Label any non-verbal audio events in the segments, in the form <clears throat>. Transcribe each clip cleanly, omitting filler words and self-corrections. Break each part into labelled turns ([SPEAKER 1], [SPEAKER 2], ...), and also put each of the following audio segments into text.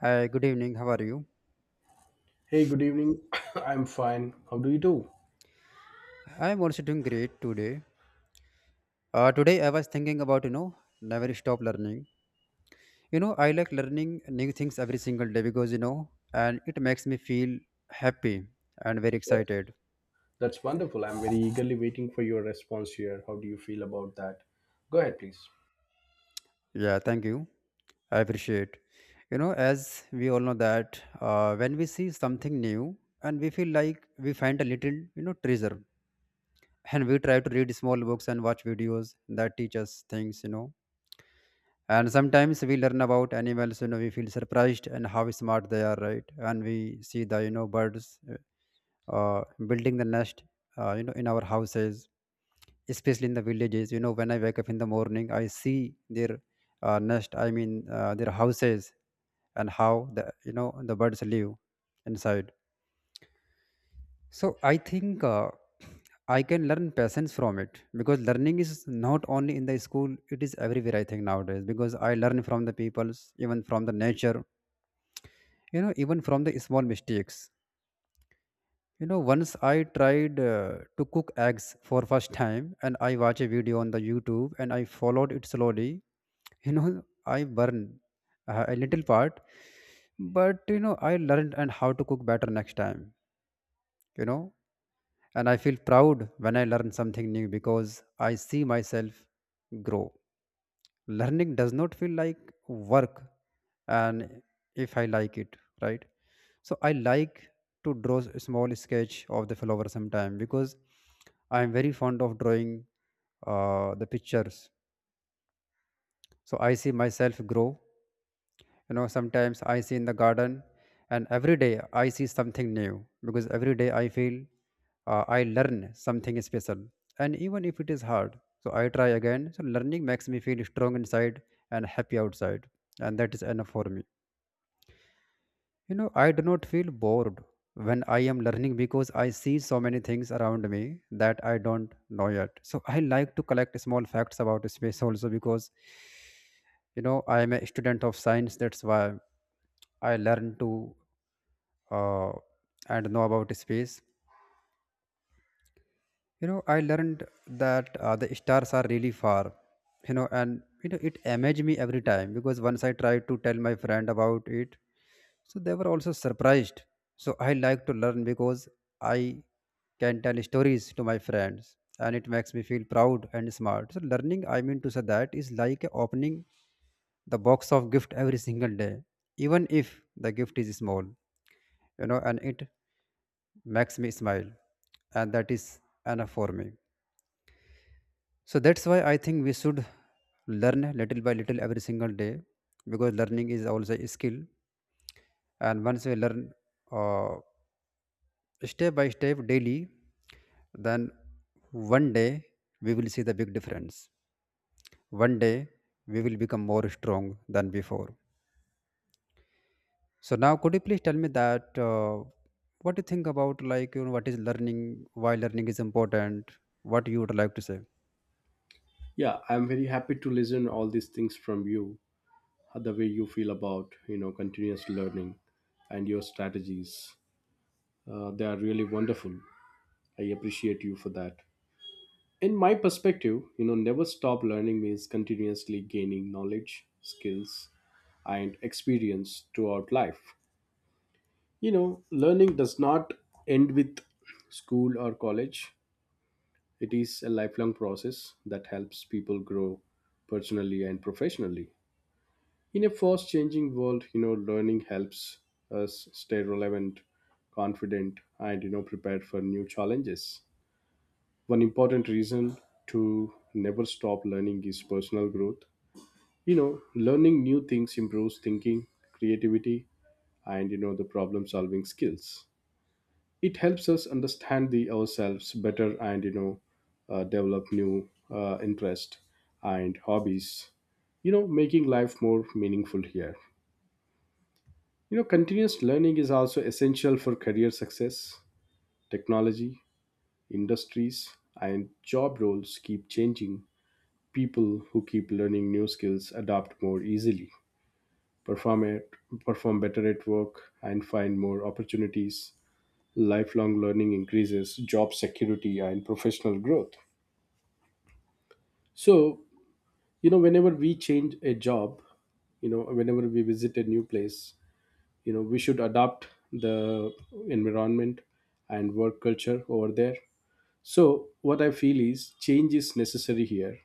[SPEAKER 1] Hi, good evening. How are you?
[SPEAKER 2] Hey, good evening. <coughs> I'm fine. How do you do?
[SPEAKER 1] I am also doing great today. Today I was thinking about never stop learning. You know I like learning new things every single day because you know and it makes me feel happy and very
[SPEAKER 2] That-
[SPEAKER 1] excited.
[SPEAKER 2] That's wonderful. I'm very eagerly waiting for your response here. How do you feel about that? Go ahead, please.
[SPEAKER 1] Yeah, thank you. I appreciate. You know as we all know that when we see something new and we feel like we find a little, you know, treasure <laughs> and we try to read small books and watch videos that teach us things, and sometimes we learn about animals, you know, we feel surprised and how smart they are, right, and we see the, you know, birds building the nest, you know, in our houses, especially in the villages. You know, when I wake up in the morning, I see their nest, their houses, and how the, you know, the birds live inside. So I think I can learn patience from it because learning is not only in the school; it is everywhere. I think nowadays because I learn from the peoples, even from the nature, you know, even from the small mistakes. You know, once I tried to cook eggs for first time, and I watched a video on the YouTube, and I followed it slowly. You know, I burned a little part, but you know, I learned and how to cook better next time. You know, and I feel proud when I learn something new because I see myself grow. Learning does not feel like work, and if I like it, right? So I like to draw a small sketch of the flower sometime because I am very fond of drawing the pictures. So I see myself grow. You know, sometimes I see in the garden, and every day I see something new because every day I feel I learn something special. And even if it is hard, so I try again. So learning makes me feel strong inside and happy outside, and that is enough for me. You know, I do not feel bored when I am learning because I see so many things around me that I don't know yet. So I like to collect small facts about space also because, you know, I am a student of science. That's why I learn to uh, and know about space. You know, I learned that the stars are really far. You know, and you know it amazed me every time because once I tried to tell my friend about it, so they were also surprised. So I like to learn because I can tell stories to my friends, and it makes me feel proud and smart. So learning, I mean to say, that is like opening the box of gift every single day, even if the gift is small. You know, and it makes me smile, and that is enough for me. So that's why I think we should learn little by little every single day because learning is also a skill. And once we learn, uh, step by step daily, then one day we will see the big difference. One day we will become more strong than before. So now, could you please tell me that what do you think about, like, you know, what is learning, why learning is important, what you would like to say?
[SPEAKER 2] Yeah, I'm very happy to listen all these things from you, the way you feel about, you know, continuous learning and your strategies. They are really wonderful. I appreciate you for that. In my perspective, you know, never stop learning means continuously gaining knowledge, skills, and experience throughout life. You know, learning does not end with school or college. It is a lifelong process that helps people grow personally and professionally. In a fast changing world, you know, learning helps us stay relevant, confident, and, you know, prepared for new challenges. One important reason to never stop learning is personal growth. You know, learning new things improves thinking, creativity, and, the problem solving skills. It helps us understand the ourselves better, and, you know, develop new interest and hobbies, you know, making life more meaningful here. You know, continuous learning is also essential for career success. Technology, industries, and job roles keep changing. People who keep learning new skills adapt more easily, perform at, perform better at work, and find more opportunities. Lifelong learning increases job security and professional growth. So, you know, whenever we change a job, you know, whenever we visit a new place, you know, we should adapt the environment and work culture over there. So what I feel is change is necessary here.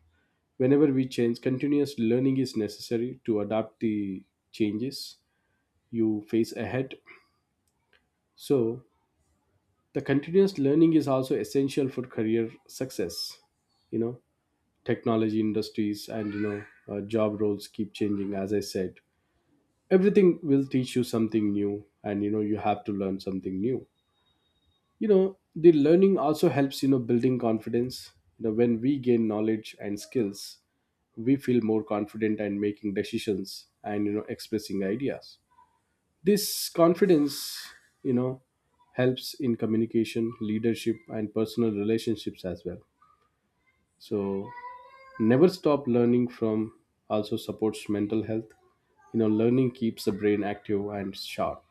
[SPEAKER 2] Whenever we change, continuous learning is necessary to adapt the changes you face ahead. So the continuous learning is also essential for career success. You know, technology, industries, and, job roles keep changing, as I said. Everything will teach you something new, and, you know, you have to learn something new. You know, the learning also helps, you know, building confidence. You know, when we gain knowledge and skills, we feel more confident and making decisions and, you know, expressing ideas. This confidence, you know, helps in communication, leadership, and personal relationships as well. So never stop learning from also supports mental health. You know, learning keeps the brain active and sharp.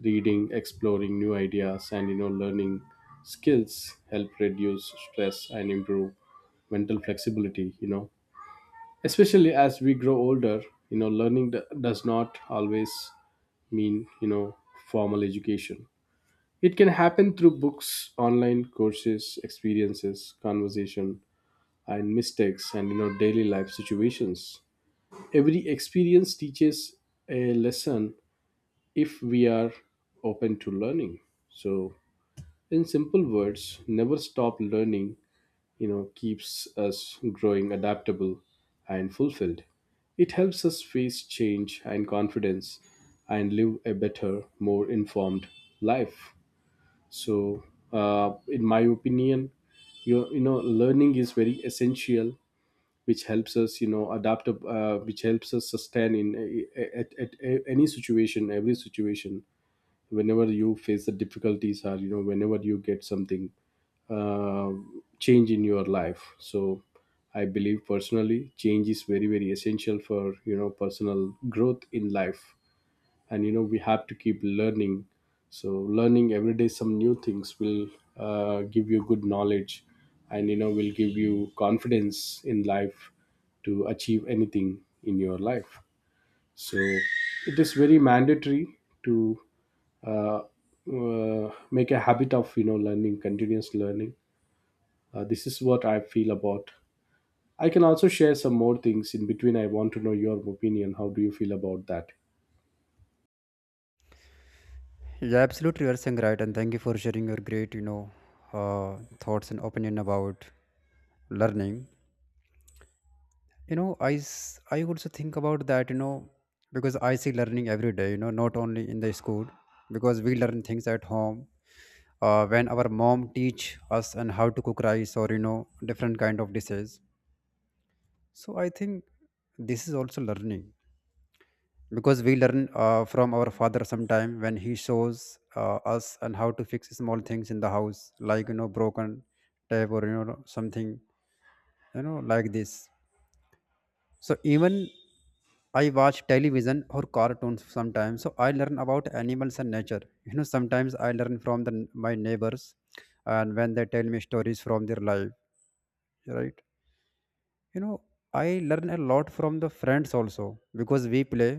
[SPEAKER 2] Reading, exploring new ideas, and, you know, learning skills help reduce stress and improve mental flexibility, you know, especially as we grow older. You know, learning does not always mean, you know, formal education. It can happen through books, online courses, experiences, conversation, and mistakes, and, you know, daily life situations. Every experience teaches a lesson if we are open to learning. So in simple words, never stop learning, you know, keeps us growing, adaptable, and fulfilled. It helps us face change and confidence, and live a better, more informed life. So, in my opinion, you know, learning is very essential, which helps us, you know, adapt, which helps us sustain at any situation, every situation, whenever you face the difficulties, or, you know, whenever you get something, uh, change in your life. So I believe, personally, change is very very essential for, you know, personal growth in life. And, you know, we have to keep learning. So learning every day some new things will give you good knowledge, and, you know, will give you confidence in life to achieve anything in your life. So it is very mandatory to uh, make a habit of, you know, learning, continuous learning. This is what I feel about. I can also share some more things in between. I want to know your opinion, how do you feel about that?
[SPEAKER 1] Yeah, absolutely, you are saying right, and thank you for sharing your great, you know, thoughts and opinion about learning. You know, I also think about that, you know, because I see learning every day. You know, not only in the school, because we learn things at home. When our mom teach us and how to cook rice, or you know, different kind of dishes, so I think this is also learning because we learn from our father sometime when he shows us and how to fix small things in the house, like you know, broken tap or you know something, you know, like this. So even I watch television or cartoons sometimes, so I learn about animals and nature. You know, sometimes I learn from the my neighbors and when they tell me stories from their life, right? You know, I learn a lot from the friends also because we play,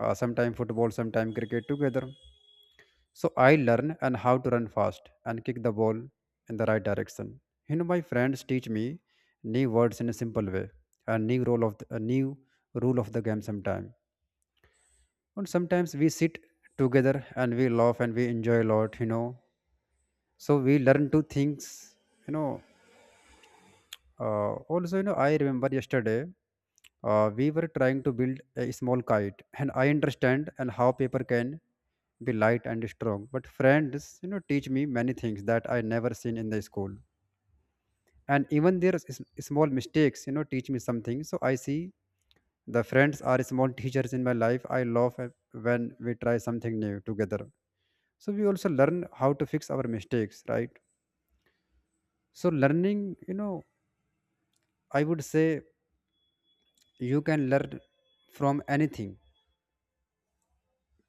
[SPEAKER 1] sometime football, sometimes cricket together. So I learn and how to run fast and kick the ball in the right direction. You know, my friends teach me new words in a simple way, a new rule of the game sometime. And sometimes we sit together and we laugh and we enjoy a lot, you know. So we learn to things, you know. Also, you know, I remember yesterday we were trying to build a small kite, and I understand and how paper can be light and strong. But friends, you know, teach me many things that I never seen in the school, and even their small mistakes, you know, teach me something. So I see the friends are small teachers in my life. I love when we try something new together. So we also learn how to fix our mistakes, right? So learning, you know, I would say you can learn from anything,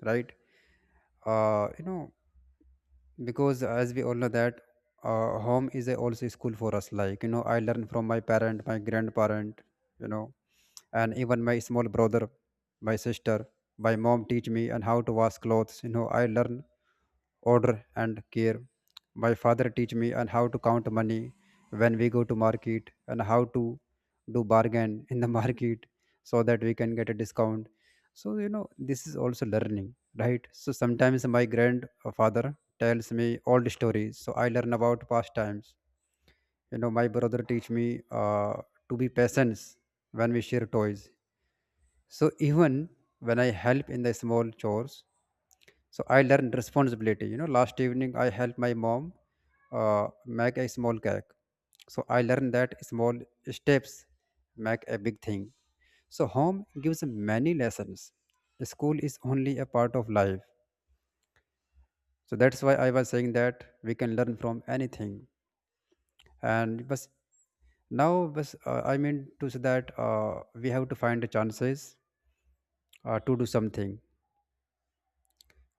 [SPEAKER 1] right? You know, because as we all know that home is a also school for us. Like you know, I learned from my parent, my grandparent, you know, and even my small brother, my sister. My mom teach me and how to wash clothes. You know, I learn order and care. My father teach me and how to count money when we go to market and how to do bargain in the <laughs> market so that we can get a discount. So, you know, this is also learning, right? So sometimes my grandfather tells me old stories. So I learn about past times. You know, my brother teach me to be patient when we share toys. So even when I help in the small chores, so I learn responsibility. You know, last evening I helped my mom make a small cake. So I learned that small steps make a big thing. So home gives many lessons. School is only a part of life. So that's why I was saying that we can learn from anything. And but but I mean to say that we have to find the chances to do something.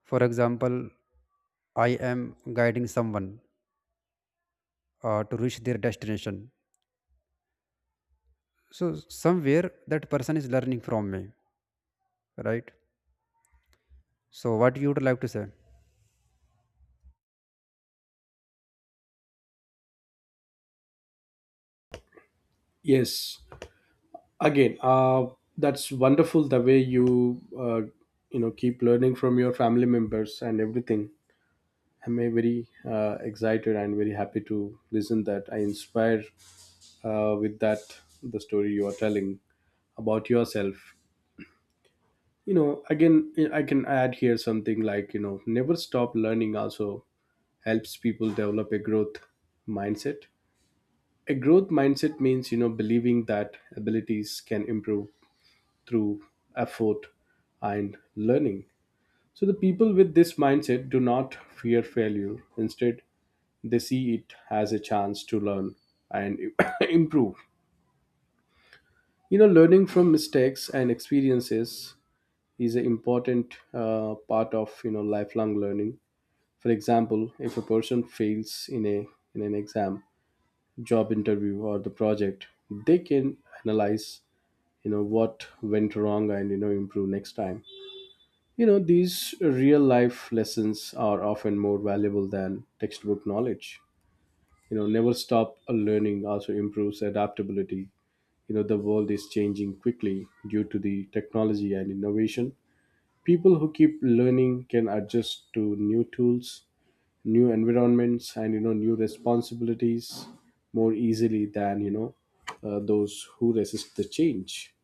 [SPEAKER 1] For example, I am guiding someone to reach their destination. So somewhere that person is learning from me, right? So what you would like to say?
[SPEAKER 2] Yes, again, that's wonderful, the way you, you know, keep learning from your family members and everything. I'm, very excited and very happy to listen that I inspire, with that the story you are telling about yourself. You know, again, I can add here something like, you know, never stop learning also helps people develop a growth mindset. A growth mindset means, you know, believing that abilities can improve through effort and learning. So, the people with this mindset do not fear failure. Instead, they see it as a chance to learn and <coughs> improve. You know, learning from mistakes and experiences is an important part of, you know, lifelong learning. For example, if a person fails in an exam, job interview, or the project, they can analyze, you know, what went wrong, and, you know, improve next time. You know, these real life lessons are often more valuable than textbook knowledge. You know, never stop learning also improves adaptability. You know, the world is changing quickly due to the technology and innovation. People who keep learning can adjust to new tools, new environments, and, you know, new responsibilities more easily than, those who resist the change.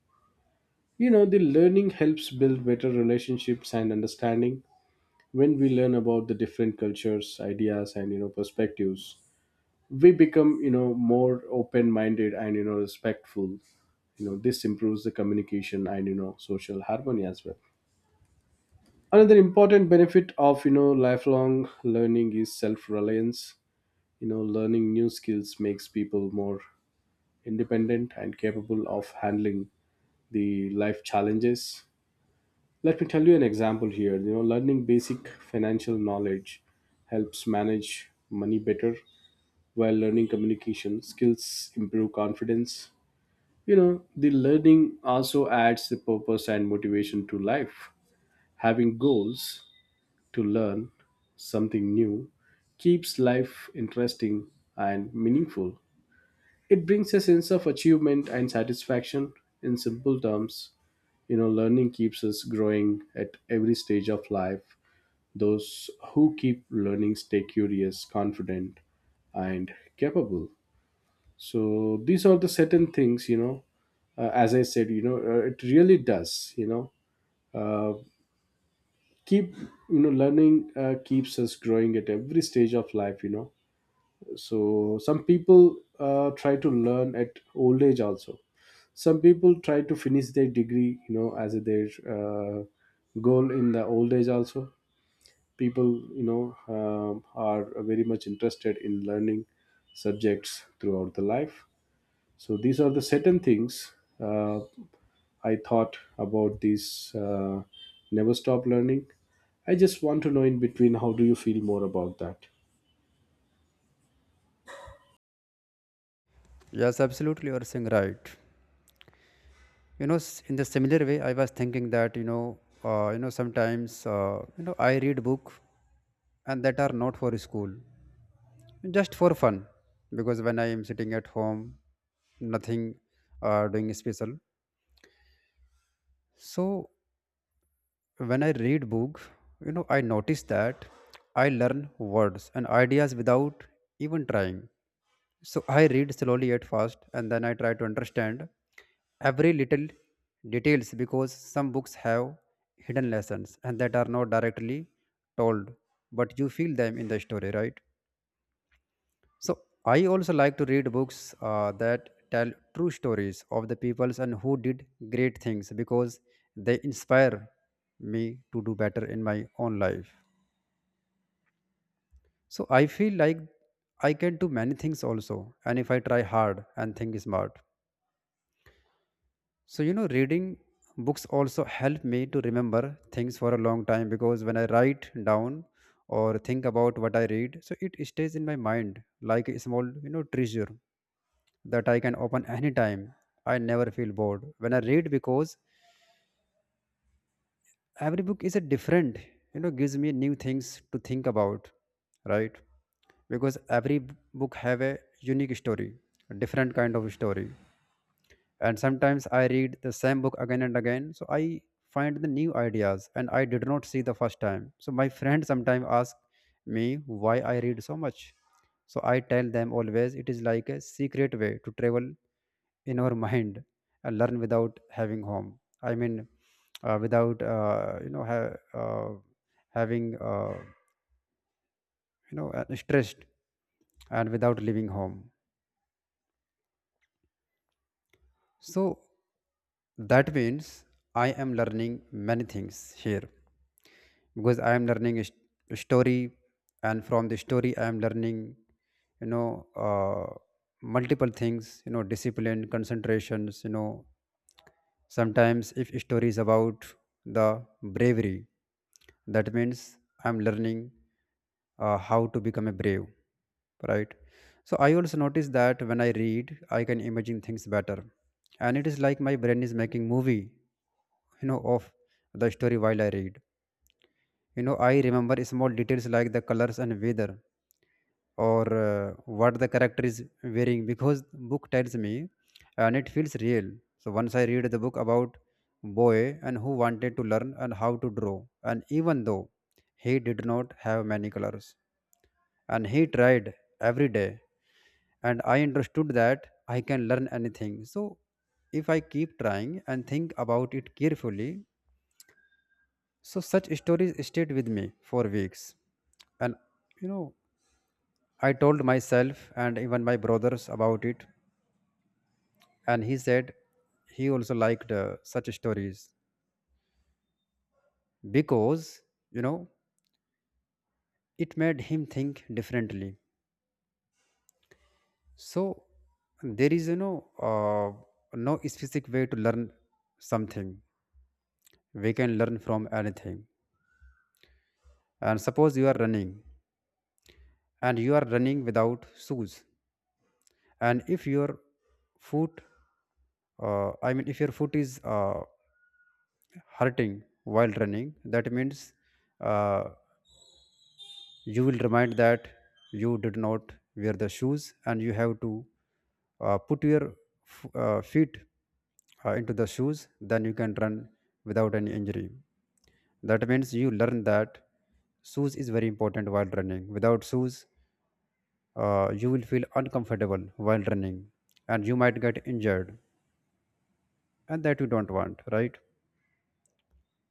[SPEAKER 2] You know, the learning helps build better relationships and understanding. When we learn about the different cultures, ideas, and, you know, perspectives, we become, you know, more open minded and, you know, respectful. You know, this improves the communication and, you know, social harmony as well. Another important benefit of, you know, lifelong learning is self reliance. You know, learning new skills makes people more independent and capable of handling the life challenges. Let me tell you an example here. You know, learning basic financial knowledge helps manage money better, while learning communication skills improve confidence. You know, the learning also adds the purpose and motivation to life. Having goals to learn something new keeps life interesting and meaningful. It brings a sense of achievement and satisfaction, in simple terms. You know, learning keeps us growing at every stage of life. Those who keep learning stay curious, confident, and capable. So these are the certain things, you know. As I said, you know, it really does, you know. Uh, keep, you know, learning, keeps us growing at every stage of life, you know. So some people try to learn at old age also. Some people try to finish their degree, you know, as their goal in the old age also. People, you know, are very much interested in learning subjects throughout the life. So these are the certain things uh, I thought about this, never stop learning. I just want to know in between how do you feel more about that.
[SPEAKER 1] Yes, absolutely. You are saying right. You know, in the similar way, I was thinking that you know, sometimes you know, I read book and that are not for school, just for fun, because when I am sitting at home, nothing doing special. So when I read book, you know, I notice that I learn words and ideas without even trying. So I read slowly at first, and then I try to understand every little details because some books have hidden lessons and that are not directly told, but you feel them in the story, right? So I also like to read books that tell true stories of the peoples and who did great things because they inspire me to do better in my own life. So I feel like I can do many things also, and if I try hard and think smart. So you know, reading books also help me to remember things for a long time because when I write down or think about what I read, so it stays in my mind like a small, you know, treasure that I can open anytime. I never feel bored when I read because every book is a different, you know, gives me new things to think about, right? Because every book have a unique story, a different kind of story. And sometimes I read the same book again and again, so I find the new ideas and I did not see the first time. So my friend sometimes ask me why I read so much. So I tell them always it is like a secret way to travel in our mind, learn without having home, i mean without you know having you know stressed and without leaving home. So that means I am learning many things here because I am learning a a story, and from the story I am learning, you know, multiple things, you know, discipline, concentrations, you know. Sometimes, if story is about the bravery, that means I'm learning how to become a brave, right? So I also notice that when I read, I can imagine things better, and it is like my brain is making movie, you know, of the story while I read. You know, I remember small details like the colors and weather, or what the character is wearing because book tells me and it feels real. So once I read the book about boy and who wanted to learn and how to draw, and even though he did not have many colors, and he tried every day, and I understood that I can learn anything, so if I keep trying and think about it carefully. So such stories stayed with me for weeks, and you know, I told myself and even my brothers about it, and he said he also liked such stories because you know it made him think differently. So there is no specific way to learn something. We can learn from anything. And suppose you are running and you are running without shoes, and if your foot, I mean, if your foot is hurting while running, that means uh, you will remind that you did not wear the shoes and you have to put your feet into the shoes, then you can run without any injury. That means you learn that shoes is very important while running. Without shoes, you will feel uncomfortable while running and you might get injured, and that you don't want, right?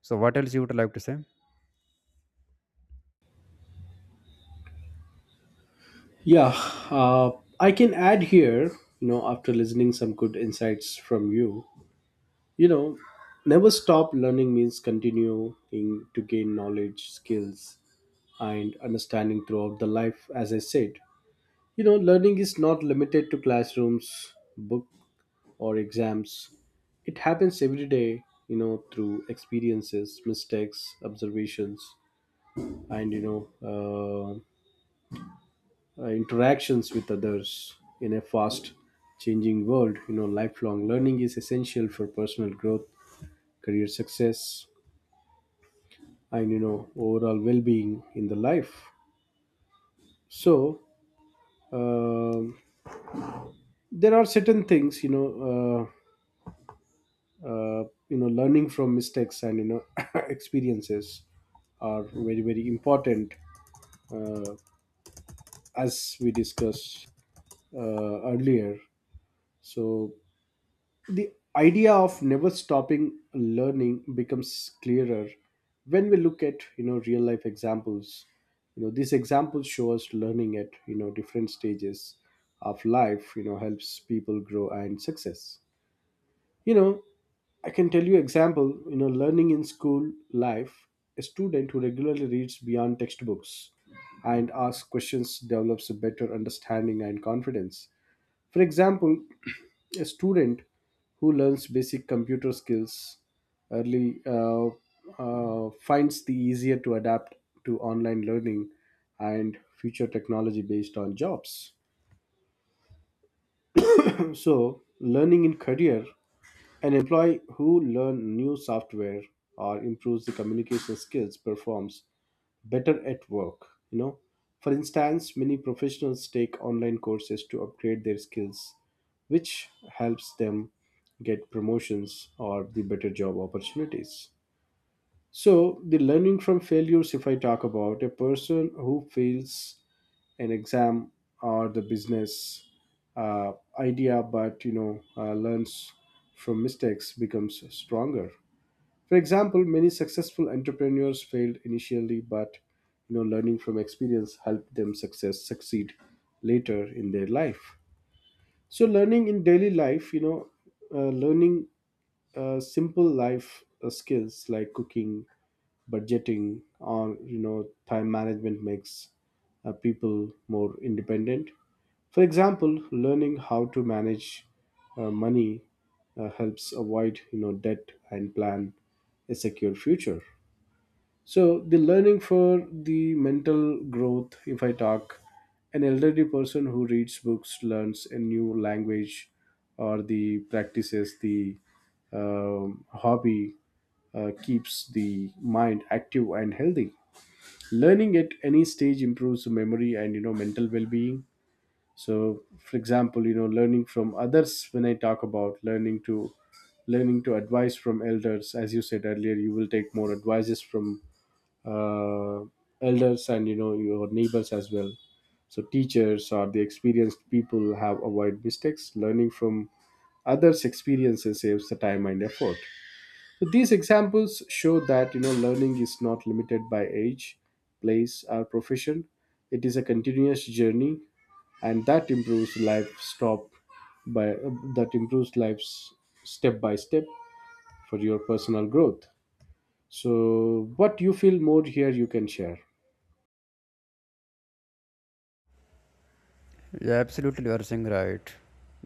[SPEAKER 1] So, what else you would like to say?
[SPEAKER 2] Yeah, uh, I can add here, you know, after listening some good insights from you. You know, never stop learning means continuing to gain knowledge, skills, and understanding throughout the life, as I said. You know, learning is not limited to classrooms, book, or exams. It happens every day, you know, through experiences, mistakes, observations, and, interactions with others. In a fast changing world, you know, lifelong learning is essential for personal growth, career success, and, you know, overall well-being in the life. So, um, there are certain things, uh, you know, learning from mistakes and, you know, <laughs> experiences are very very important, uh, as we discussed earlier. So the idea of never stopping learning becomes clearer when we look at, you know, real life examples. You know, these examples show us learning at, you know, different stages of life, you know, helps people grow and success. You know, I can tell you example, you know, learning in school life, a student who regularly reads beyond textbooks and asks questions develops a better understanding and confidence. For example, <clears throat> a student who learns basic computer skills early finds the easier to adapt to online learning and future technology based on jobs. So, learning in career, an employee who learns new software or improves the communication skills performs better at work. You know, for instance, many professionals take online courses to upgrade their skills, which helps them get promotions or the better job opportunities. So, the learning from failures, if I talk about a person who fails an exam or the business uh, idea, but, you know, learns from mistakes becomes stronger. For example, many successful entrepreneurs failed initially, but, you know, learning from experience helped them success succeed later in their life. So, learning in daily life, you know, learning simple life skills like cooking, budgeting, or, you know, time management makes people more independent. For example, learning how to manage money helps avoid, you know, debt and plan a secure future. So the learning for the mental growth, if I talk, an elderly person who reads books, learns a new language, or the practices the hobby keeps the mind active and healthy. Learning at any stage improves memory and, you know, mental well-being. So for example, you know, learning from others, when I talk about learning to advise from elders, as you said earlier, you will take more advices from uh, elders and, you know, your neighbors as well. So teachers or the experienced people have avoid mistakes. Learning from others experiences saves the time and effort. So these examples show that, you know, learning is not limited by age, place, or profession. It is a continuous journey, and that improves life stop by that improves lives step by step for your personal growth. So what you feel more here, you can share.
[SPEAKER 1] Yeah, absolutely, you are saying right,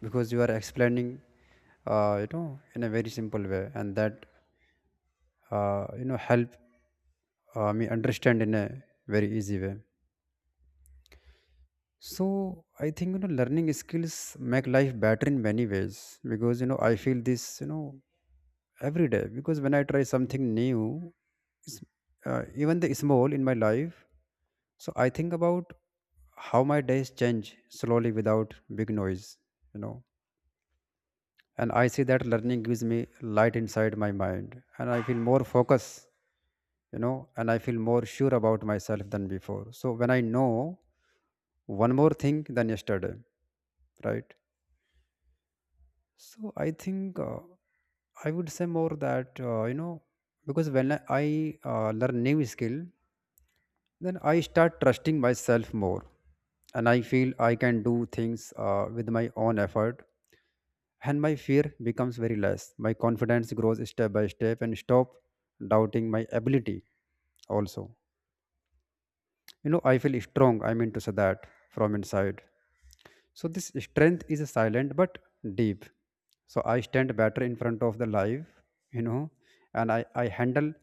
[SPEAKER 1] because you are explaining, you know, in a very simple way, and that you know help me understand in a very easy way. So I think you know learning skills make life better in many ways because you know I feel this you know every day, because when I try something new, it's, even the small in my life, so I think about how my days change slowly without big noise, you know, and I see that learning gives me light inside my mind, and I feel more focused, you know, and I feel more sure about myself than before, so when I know one more thing than yesterday, right? So I think I would say more that you know, because when I learn new skill, then I start trusting myself more, and I feel I can do things with my own effort, and my fear becomes very less. My confidence grows step by step and stop doubting my ability also. You know, I feel strong, I mean to say that from inside. So this strength is silent but deep. So I stand better in front of the life, you know, and I handle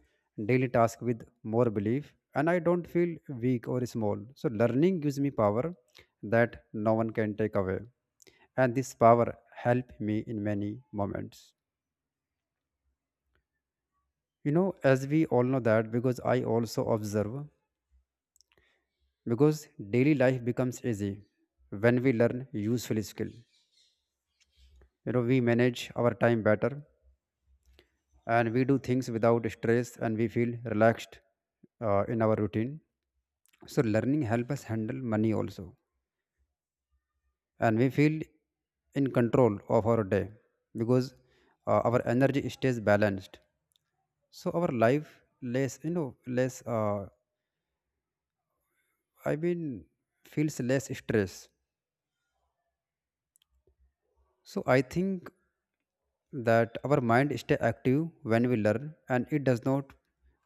[SPEAKER 1] daily task with more belief, and I don't feel weak or small. So learning gives me power that no one can take away. And this power help me in many moments. You know, as we all know that, because I also observe, because daily life becomes easy when we learn useful skill, you know, we manage our time better, and we do things without stress, and we feel relaxed in our routine. So learning help us handle money also, and we feel in control of our day, because our energy stays balanced, so our life less you know less I mean feels less stress. So I think that our mind stay active when we learn, and it does not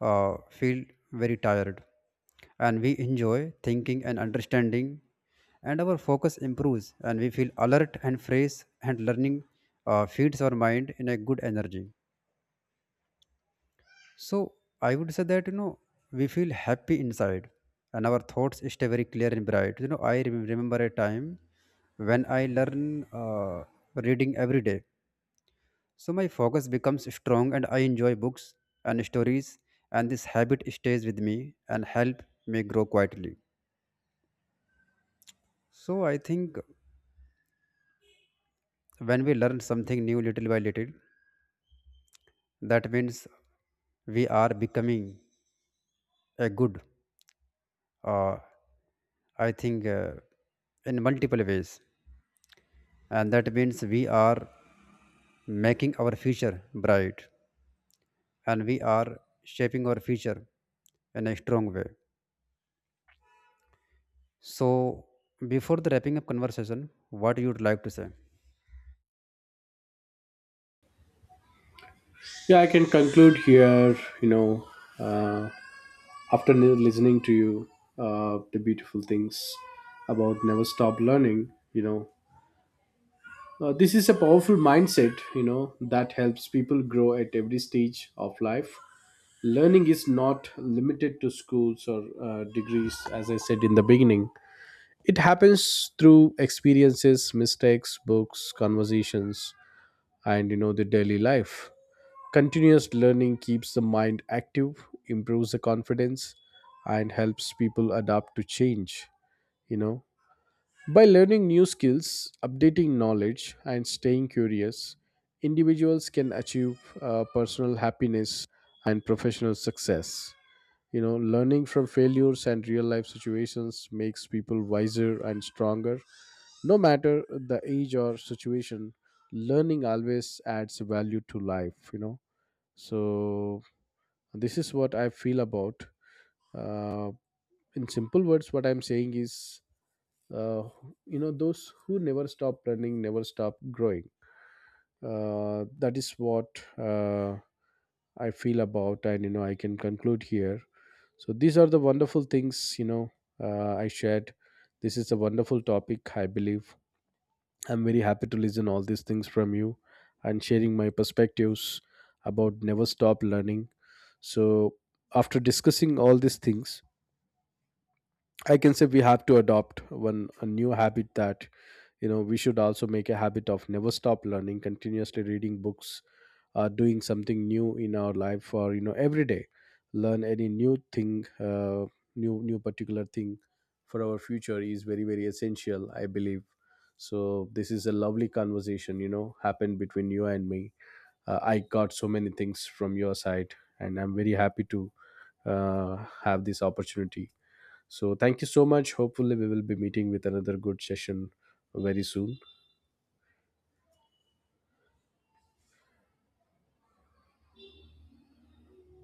[SPEAKER 1] feel very tired, and we enjoy thinking and understanding, and our focus improves, and we feel alert and fresh, and learning feeds our mind in a good energy. So I would say that you know we feel happy inside, and our thoughts stay very clear and bright. You know, I remember a time when I learn reading every day. So my focus becomes strong and I enjoy books and stories, and this habit stays with me and help me grow quietly. So I think when we learn something new little by little, that means we are becoming a good, uh, I think, uh, in multiple ways. And that means we are making our future bright, and we are shaping our future in a strong way. So, before the wrapping up conversation, what you would like to say?
[SPEAKER 2] Yeah, I can conclude here. You know, uh, after listening to you, the beautiful things about never stop learning. You know, this is a powerful mindset, you know, that helps people grow at every stage of life. Learning is not limited to schools or degrees, as I said in the beginning. It happens through experiences, mistakes, books, conversations, and, you know, the daily life. Continuous learning keeps the mind active, improves the confidence, and helps people adapt to change, you know, by learning new skills, updating knowledge, and staying curious. Individuals can achieve personal happiness and professional success. You know, learning from failures and real life situations makes people wiser and stronger. No matter the age or situation, learning always adds value to life, you know. So, this is what I feel about. Uh, in simple words, what I'm saying is, uh, you know, those who never stop learning never stop growing. That is what, uh, I feel about, and, you know, I can conclude here. So these are the wonderful things, you know, I shared. This is a wonderful topic, I believe. I'm very happy to listen all these things from you and sharing my perspectives about never stop learning. So after discussing all these things, I can say we have to adopt one a new habit, that, you know, we should also make a habit of never stop learning, continuously reading books, doing something new in our life, or, you know, every day learn any new thing, uh, new particular thing for our future, is very very essential, I believe. So this is a lovely conversation, you know, happened between you and me. I got so many things from your side, and I'm very happy to uh, have this opportunity. So thank you so much. Hopefully, we will be meeting with another good session very soon.